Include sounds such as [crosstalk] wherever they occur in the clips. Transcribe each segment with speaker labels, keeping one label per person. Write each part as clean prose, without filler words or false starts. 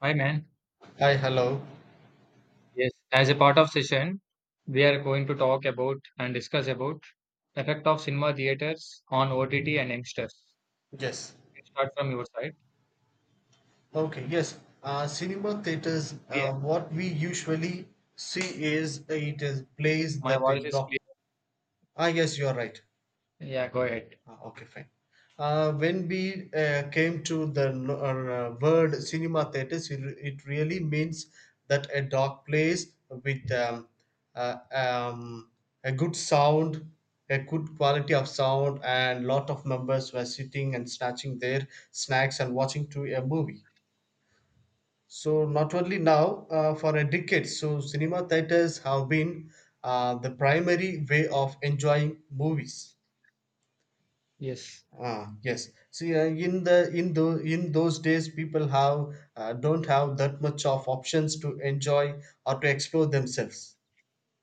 Speaker 1: Hi, man.
Speaker 2: Hi, hello.
Speaker 1: Yes, as a part of session, we are going to talk about and discuss about the effect of cinema theaters on OTT and youngsters.
Speaker 2: Yes.
Speaker 1: You can start from your side.
Speaker 2: Okay, yes. Cinema theaters,
Speaker 1: Clear?
Speaker 2: what we usually see is it is plays
Speaker 1: My
Speaker 2: that they
Speaker 1: voice is clear.
Speaker 2: drop. Yes, you are right.
Speaker 1: Yeah, go ahead.
Speaker 2: Okay, fine. When we came to the word cinema theaters, it really means that a dark place with uh, um, a good sound, a good quality of sound, and lot of members were sitting and snatching their snacks and watching to a movie. So not only now, for a decade, so cinema theaters have been the primary way of enjoying movies.
Speaker 1: Yes,
Speaker 2: Yes. See, in those days, people have don't have that much of options to enjoy or to explore themselves.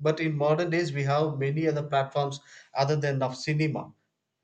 Speaker 2: But in modern days, we have many other platforms other than of cinema.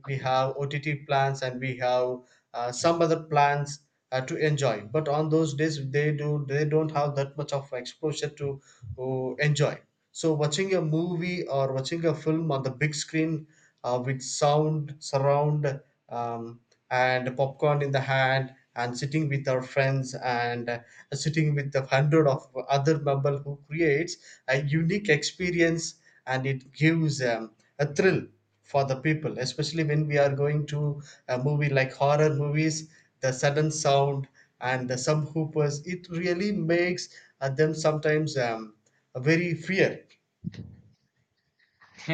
Speaker 2: We have OTT plans and we have some other plans to enjoy. But on those days, they don't have that much of exposure to enjoy. So watching a movie or watching a film on the big screen with sound surround um, and popcorn in the hand and sitting with our friends and sitting with the hundred of other member who creates a unique experience, and it gives a thrill for the people, especially when we are going to a movie like horror movies, the sudden sound and the some hoopers, it really makes them sometimes very fear,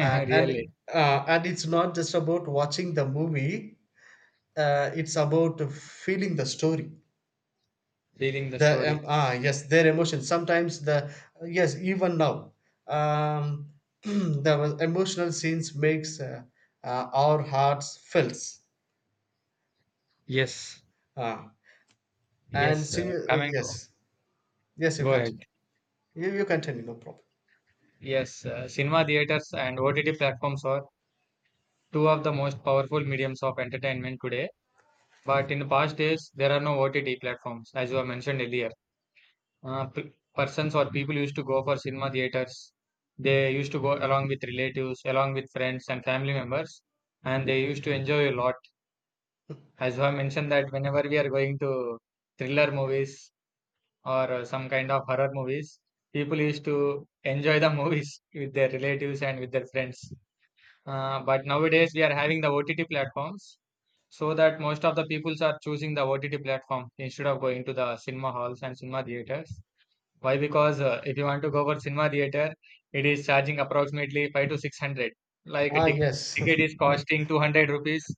Speaker 2: uh, and
Speaker 1: really
Speaker 2: and it's not just about watching the movie, it's about feeling the story,
Speaker 1: feeling the
Speaker 2: the
Speaker 1: story.
Speaker 2: ah yes, their emotions sometimes the yes even now, um [clears throat] the emotional scenes makes our hearts fills.
Speaker 1: Yes,
Speaker 2: Ah and
Speaker 1: yes.
Speaker 2: see
Speaker 1: Coming to
Speaker 2: yes, yes you
Speaker 1: Go ahead.
Speaker 2: continue. You continue, no problem.
Speaker 1: Yes, cinema theaters and OTT platforms are two of the most powerful mediums of entertainment today. But in the past days, there are no OTT platforms, as you have mentioned earlier. Persons or people used to go for cinema theaters. They used to go along with relatives, along with friends and family members, and they used to enjoy a lot. As I mentioned that whenever we are going to thriller movies or some kind of horror movies, people used to enjoy the [laughs] movies with their relatives and with their friends. But nowadays we are having the OTT platforms, so that most of the peoples are choosing the OTT platform instead of going to the cinema halls and cinema theaters. Why? Because if you want to go for cinema theater, it is charging approximately five to six hundred. Like a
Speaker 2: Yes.
Speaker 1: ticket is costing 200 rupees.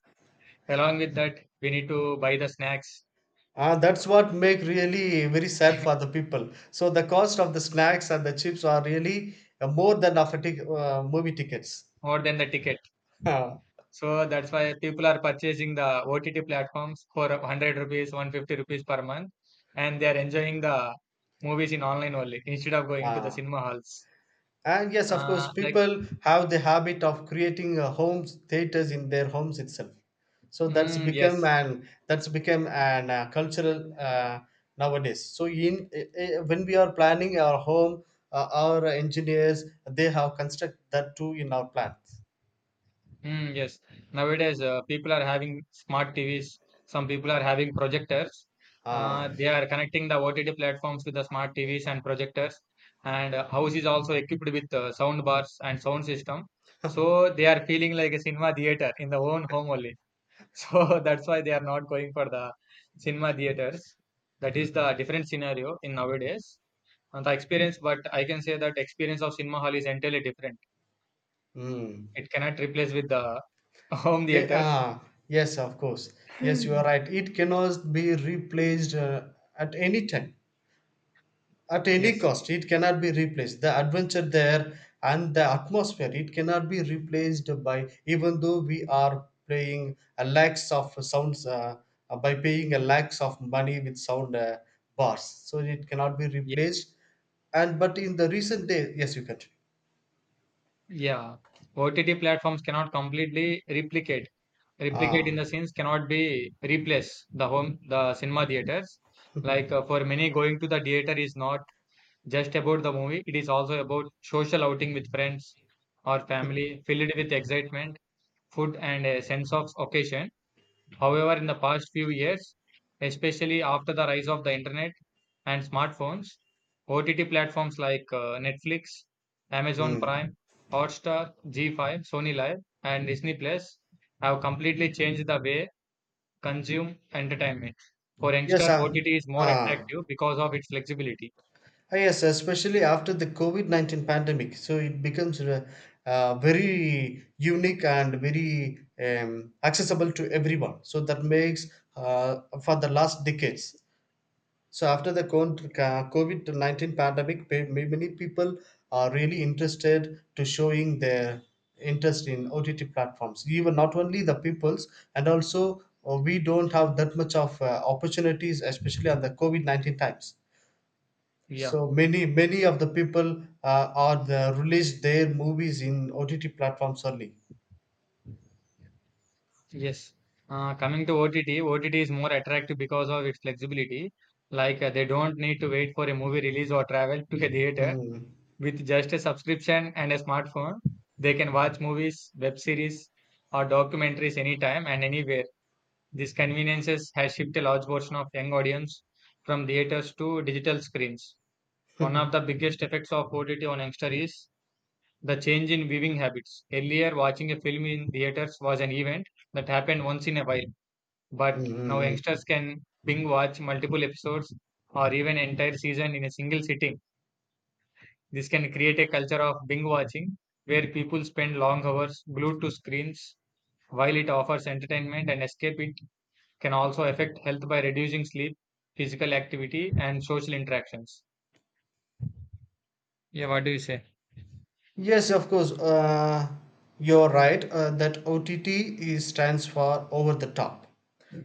Speaker 1: Along with that, we need to buy the snacks
Speaker 2: [laughs] That's what make really very sad for the people, so the cost of the snacks and the chips are really more than of a movie tickets.
Speaker 1: more than the ticket.
Speaker 2: [laughs] ah
Speaker 1: So that's why people are purchasing the OTT platforms for 100 rupees, 150 rupees per month, and they are enjoying the movies in online only instead of going to the
Speaker 2: ah
Speaker 1: cinema halls.
Speaker 2: And yes, of course,
Speaker 1: Like,
Speaker 2: people have the habit of creating a home theaters in their homes itself. So
Speaker 1: mm, yes.
Speaker 2: that's become an cultural, nowadays. So in when we are planning our home, our engineers, they have construct that too in our plans.
Speaker 1: Mm, yes. Nowadays, people are having smart TVs. Some people are having projectors.
Speaker 2: Ah,
Speaker 1: They are connecting the OTT platforms with the smart TVs and projectors. And house is also equipped with sound bars and sound system. So they are feeling like a cinema theater in their own home only. [laughs] So that's why they are not going for the cinema theaters. That is the different scenario in nowadays. And the experience, but I can say that experience of cinema hall is entirely different.
Speaker 2: mm.
Speaker 1: It cannot replace with the [laughs] home
Speaker 2: Eh,
Speaker 1: theater.
Speaker 2: ah, yes, of course. Yes, you are right. It cannot be replaced at any time. At any
Speaker 1: Yes.
Speaker 2: cost, it cannot be replaced, the adventure there and the atmosphere. It cannot be replaced, by even though we are playing a lakhs of sounds, by paying a lakhs of money with sound bars. So it cannot be
Speaker 1: Yeah.
Speaker 2: replaced. And but in the recent days, yes, you can.
Speaker 1: Yeah. OTT platforms cannot completely replicate. Replicate in
Speaker 2: ah
Speaker 1: the sense cannot be replace the home the cinema theaters. Like for many, going to the theater is not just about the movie. It is also about social outing with friends or family, filled with excitement, food, and a sense of occasion. However, in the past few years, especially after the rise of the internet and smartphones, OTT platforms like Netflix, Amazon
Speaker 2: mm.
Speaker 1: Prime, Hotstar, G5, Sony Live, and Disney Plus have completely changed the way consume entertainment. For
Speaker 2: yes
Speaker 1: youngster,
Speaker 2: ah
Speaker 1: OTT is more
Speaker 2: ah
Speaker 1: attractive because of its flexibility.
Speaker 2: Yes, especially after the COVID 19 pandemic. So it becomes very unique and very accessible to everyone. So that makes for the last decades. So after the COVID 19 pandemic, many people are really interested to showing their interest in OTT platforms. Even not only the peoples, and also we don't have that much of opportunities, especially on the COVID 19 times.
Speaker 1: Yeah,
Speaker 2: So many of the people are the release their movies in OTT platforms only.
Speaker 1: yes. Coming to OTT, OTT is more attractive because of its flexibility. Like they don't need to wait for a movie release or travel to a theater.
Speaker 2: Mm.
Speaker 1: With just a subscription and a smartphone, they can watch movies, web series, or documentaries anytime and anywhere. These conveniences has shifted a large portion of young audience from theaters to digital screens. One of the
Speaker 2: [laughs]
Speaker 1: biggest effects of OTT on youngster is the change in viewing habits. Earlier, watching a film in theaters was an event that happened once in a while,
Speaker 2: Mm,
Speaker 1: but now
Speaker 2: mm, mm. [laughs]
Speaker 1: youngsters can binge watch multiple episodes or even entire season in a single sitting. This can create a culture of binge watching where people spend long hours glued to screens. While it offers entertainment and escape, it can also affect health by reducing sleep, physical activity, and social interactions. Yeah, what do you say?
Speaker 2: Yes, of course. You're right, that OTT is, stands for over the top.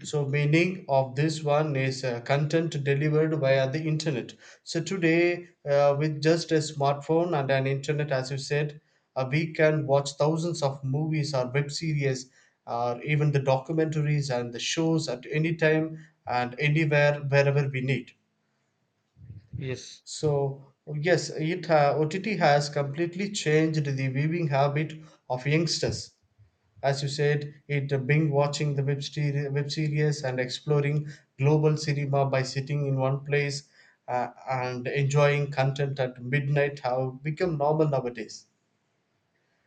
Speaker 2: So, meaning of this one is content delivered via the internet. So today, with just a smartphone and an internet, as you said, we can watch thousands of movies or web series, or even the documentaries and the shows at any time and anywhere, wherever we need.
Speaker 1: Yes.
Speaker 2: So yes, OTT has completely changed the viewing habit of youngsters. As you said, it being watching the web series and exploring global cinema by sitting in one place and enjoying content at midnight have become normal nowadays.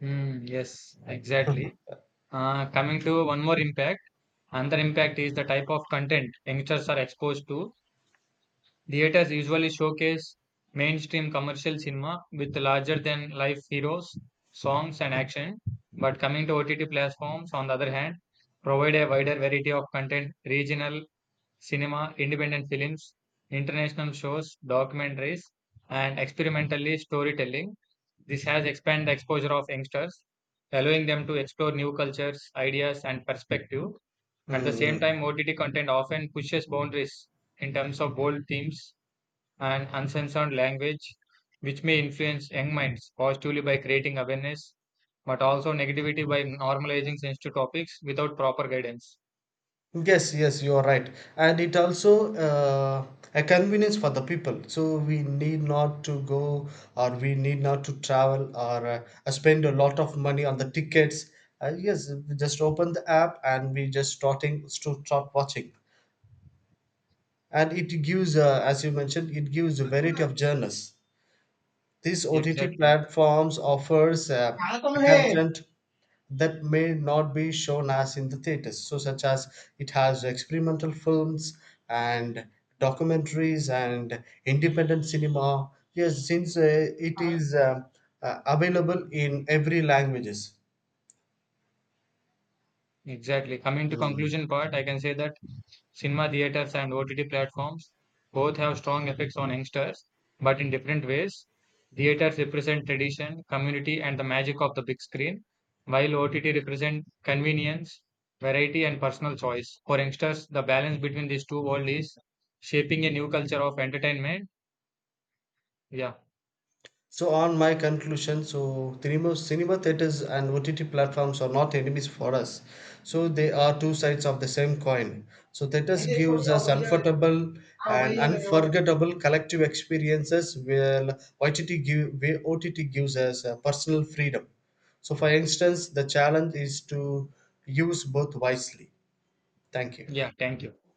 Speaker 1: Mm, yes, exactly. Coming to one more impact, another impact is the type of content youngsters are exposed to. Theaters usually showcase mainstream commercial cinema with larger than life heroes, songs, and action. But coming to OTT platforms, on the other hand, provide a wider variety of content regional cinema, independent films, international shows, documentaries, and experimentally storytelling. This has expanded the exposure of youngsters, allowing them to explore new cultures, ideas, and perspective. At the same
Speaker 2: Mm.
Speaker 1: time, OTT content often pushes boundaries in terms of bold themes and uncensored language, which may influence young minds positively by creating awareness, but also negativity by normalizing sensitive topics without proper guidance.
Speaker 2: Yes, yes, you are right. And it also a convenience for the people. So we need not to go, or we need not to travel, or spend a lot of money on the tickets. Yes, we just open the app and we just starting to start watching. And it gives, as you mentioned, it gives a variety of genres. These OTT
Speaker 1: Exactly.
Speaker 2: platforms offers a content that may not be shown as in the theaters, so such as it has experimental films and documentaries and independent cinema. Yes, since it is available in every languages.
Speaker 1: Exactly. Coming to
Speaker 2: Mm.
Speaker 1: conclusion part, I can say that cinema theaters and OTT platforms both have strong effects on youngsters, but in different ways. Theaters represent tradition, community, and the magic of the big screen, while OTT represent convenience, variety, and personal choice. For youngsters, the balance between these two worlds is shaping a new culture of entertainment. Yeah,
Speaker 2: So on my conclusion, so cinema theaters and OTT platforms are not enemies for us. So they are two sides of the same coin. So theaters gives us comfortable and unforgettable collective experiences, while OTT gives us personal freedom. So for instance, the challenge is to use both wisely. Thank you.
Speaker 1: yeah. Thank you.